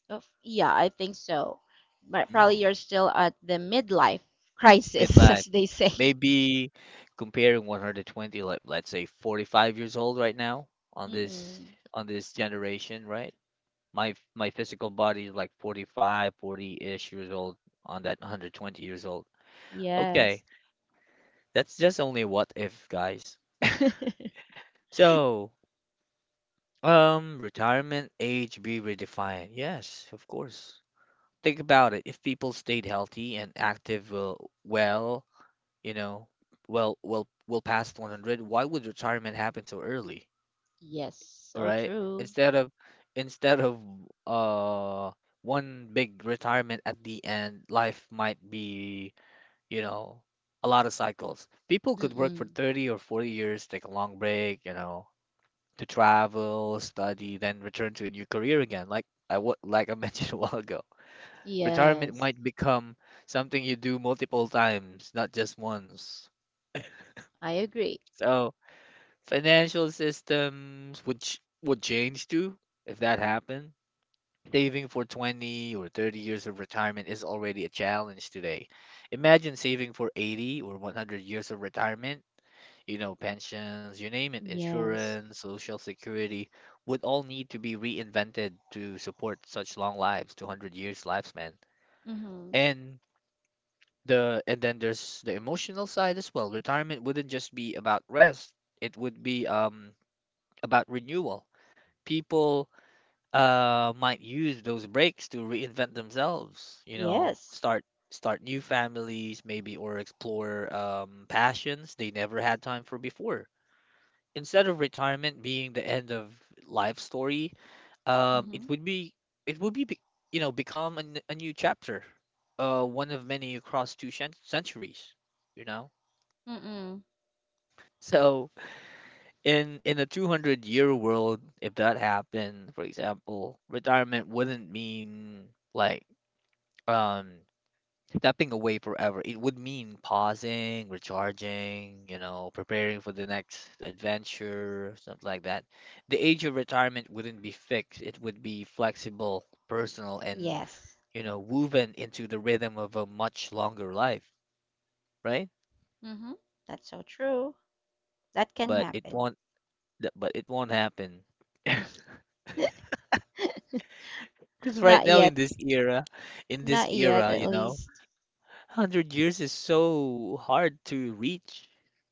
Of, yeah, I think so. But probably Mm, you're still at the midlife crisis, [LAUGHS] midlife. as they say. Maybe comparing one hundred twenty, like let's say forty-five years old right now on this, Mm-mm. on this generation, right? My my physical body is like forty five, forty ish years old on that one hundred twenty years old. Okay, Yes. that's just only what if, guys. [LAUGHS] [LAUGHS] So, um, retirement age be redefined. Yes, of course. Think about it. If people stayed healthy and active, well, well, you know, well, well, well past one hundred, why would retirement happen so early? Yes, All so right. true. Instead of, instead of, uh, one big retirement at the end, life might be, you know, a lot of cycles. People could work for Mm-mm. thirty or forty years, take a long break, you know, to travel, study, then return to a new career again, like I wa- like I mentioned [LAUGHS] a while ago. Retirement Yes, might become something you do multiple times, not just once. I agree. So financial systems would ch would change too if that happened. Saving for twenty or thirty years of retirement is already a challenge today. Imagine saving for eighty or one hundred years of retirement. You know, pensions, you name it, Yes. insurance, social security, would all need to be reinvented to support such long lives, two hundred years lifespan. Mm-hmm. And the and then there's the emotional side as well. Retirement wouldn't just be about rest, it would be um about renewal. People uh might use those breaks to reinvent themselves, you know, Yes. start start new families maybe or explore um passions they never had time for before. Instead of retirement being the end of life story, um, it Mm-hmm. would be, it would be, be you know become a, n- a new chapter, uh, one of many across two cent centuries, you know. Mm-mm. So in in a two hundred year world, if that happened, for example, retirement wouldn't mean like um stepping away forever. It would mean pausing, recharging, you know, preparing for the next adventure, something like that. The age of retirement wouldn't be fixed. It would be flexible, personal, and, Yes. you know, woven into the rhythm of a much longer life, right? Mm-hmm. That's so true. That can But it happen. won't, th- but it won't happen. [LAUGHS] [LAUGHS] Because right Not now in yet. this era, in this Not yet, era, at you know, least. one hundred years is so hard to reach.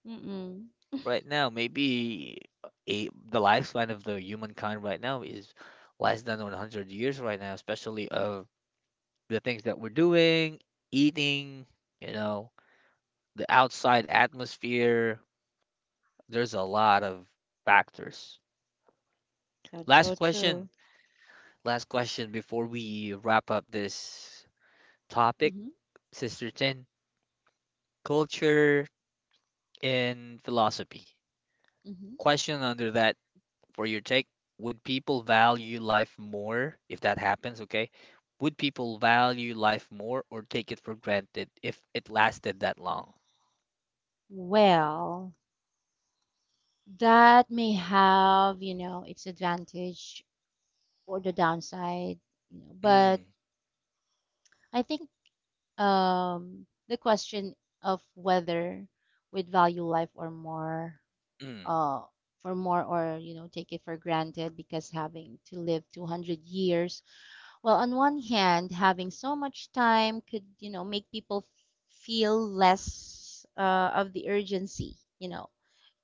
Mm-mm. Right now, maybe a the lifespan of the humankind right now is less than one hundred years right now, especially of the things that we're doing, eating, you know, the outside atmosphere. There's a lot of factors. That's Last so question. true. Last question before we wrap up this topic, Mm-hmm. Sister Tin. Culture and philosophy. Mm-hmm. Question under that, for your take, would people value life more if that happens? Okay. Would people value life more or take it for granted if it lasted that long? Well, that may have, you know, its advantage or the downside, you know, but Mm, I think, um, the question of whether we'd value life or more, mm, uh, for more, or, you know, take it for granted because having to live two hundred years. Well, on one hand, having so much time could, you know, make people feel less uh, of the urgency, you know.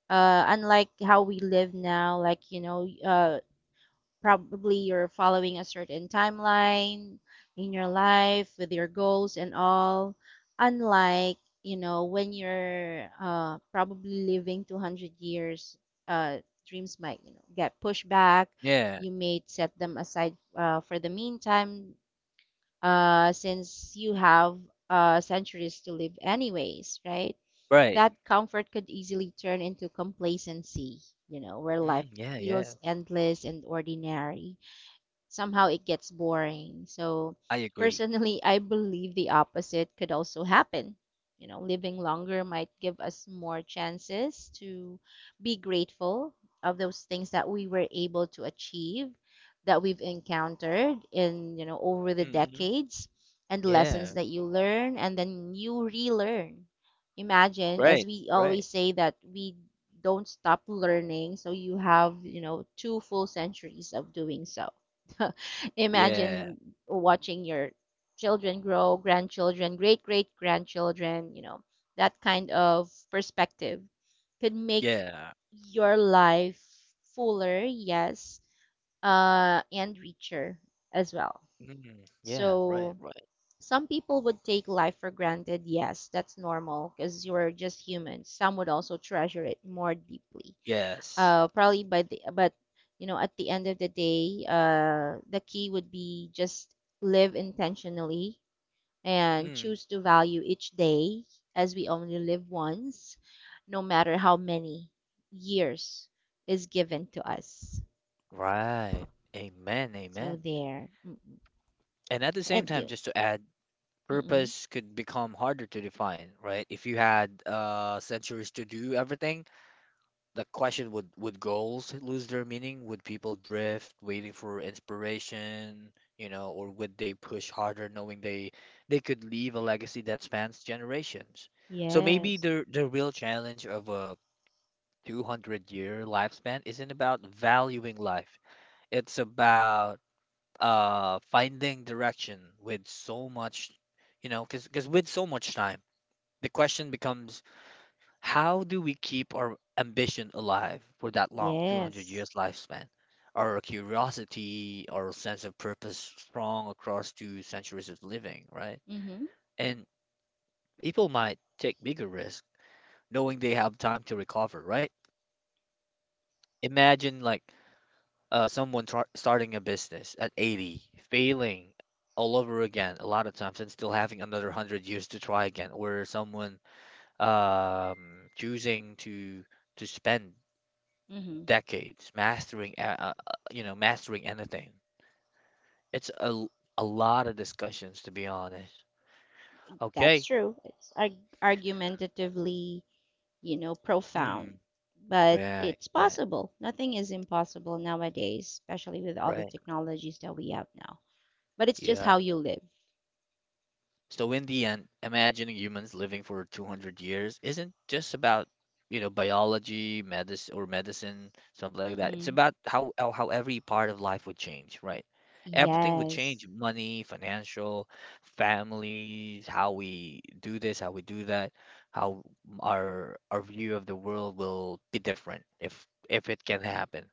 Uh, unlike how we live now, like, you know, uh, probably you're following a certain timeline in your life with your goals and all. Unlike, you know, when you're uh, probably living two hundred years, uh, dreams might, you know, get pushed back. yeah, You may set them aside uh, for the meantime, uh, since you have uh, centuries to live anyways, right? right. That comfort could easily turn into complacency, you know, where life Mm, yeah, feels yeah. endless and ordinary, somehow it gets boring. So I agree. personally, [LAUGHS] I believe the opposite could also happen. You know, living longer might give us more chances to be grateful of those things that we were able to achieve, that we've encountered in, you know, over the Hmm. decades, and lessons Yeah, that you learn and then you relearn. Imagine, as right, we right. always say, that we don't stop learning, so you have, you know, two full centuries of doing so. [LAUGHS] Yeah, Imagine watching your children grow, grandchildren, great great grandchildren, you know, that kind of perspective could make yeah. your life fuller, yes, uh, and richer as well. Mm, yeah, right, So right. some people would take life for granted, yes, that's normal because you're just human. Some would also treasure it more deeply, Yes. uh, probably by the but you know, at the end of the day, uh, the key would be just live intentionally and Mm, choose to value each day, as we only live once, no matter how many years is given to us. right. Amen, So amen. there. Mm-mm. And at the same And time, you. just to add, Mm-mm. purpose could become harder to define, right? If you had uh centuries to do everything, the question would would goals lose their meaning? Would people drift waiting for inspiration, you know, or would they push harder knowing they they could leave a legacy that spans generations? So maybe Yes, the the real challenge of a two hundred year lifespan isn't about valuing life. It's about uh finding direction with so much, you know because because with so much time the question becomes, how do we keep our ambition alive for that long, two hundred yes. years lifespan? Our curiosity, our sense of purpose strong across two centuries of living, right? Mm-hmm. And people might take bigger risks knowing they have time to recover, right? Imagine, like, uh, someone tar- starting a business at eighty, failing all over again a lot of times and still having another one hundred years to try again, or someone um, choosing to to spend Mm-hmm. decades mastering a- a- a- you know mastering anything. It's a, l- a lot of discussions, to be honest. That's Okay. true. It's arg- argumentatively, you know, profound. Mm, But right, it's right, possible. Nothing is impossible nowadays, especially with all the right. technologies that we have now. But it's just Yeah. how you live. So in the end, imagining humans living for two hundred years isn't just about, you know, biology, medicine or medicine, something like that. It's Mm-mm. about how how how every part of life would change, right? Everything would Yes. change. Money, financial, families, how we do this, how we do that, how our our view of the world will be different if if it can happen.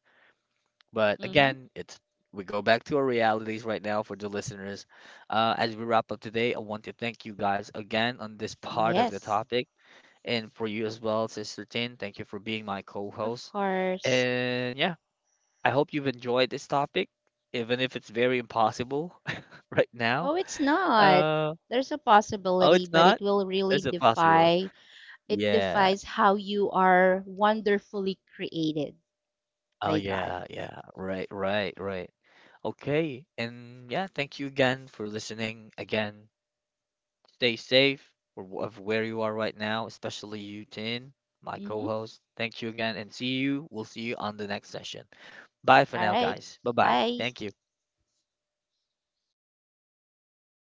But Mm-hmm. again, it's we go back to our realities right now for the listeners. Uh, as we wrap up today, I want to thank you guys again on this part of the Yes. topic, and for you as well, Sister Tin. Thank you for being my Of co-host. course. And yeah, I hope you've enjoyed this topic, even if it's very impossible [LAUGHS] right now. Oh, it's not. Uh, There's a oh, possibility, it's but not. it will really There's a possibility. defy, it Yeah. defies how you are wonderfully created Oh, by God. yeah. Yeah. Right. Right. Right. Okay. And yeah, thank you again for listening again. Stay safe or of where you are right now, especially you, Tin, my co Mm-hmm. host. Thank you again and see you. We'll see you on the next session. Bye for All now, right. guys. Bye bye. Bye. Thank you.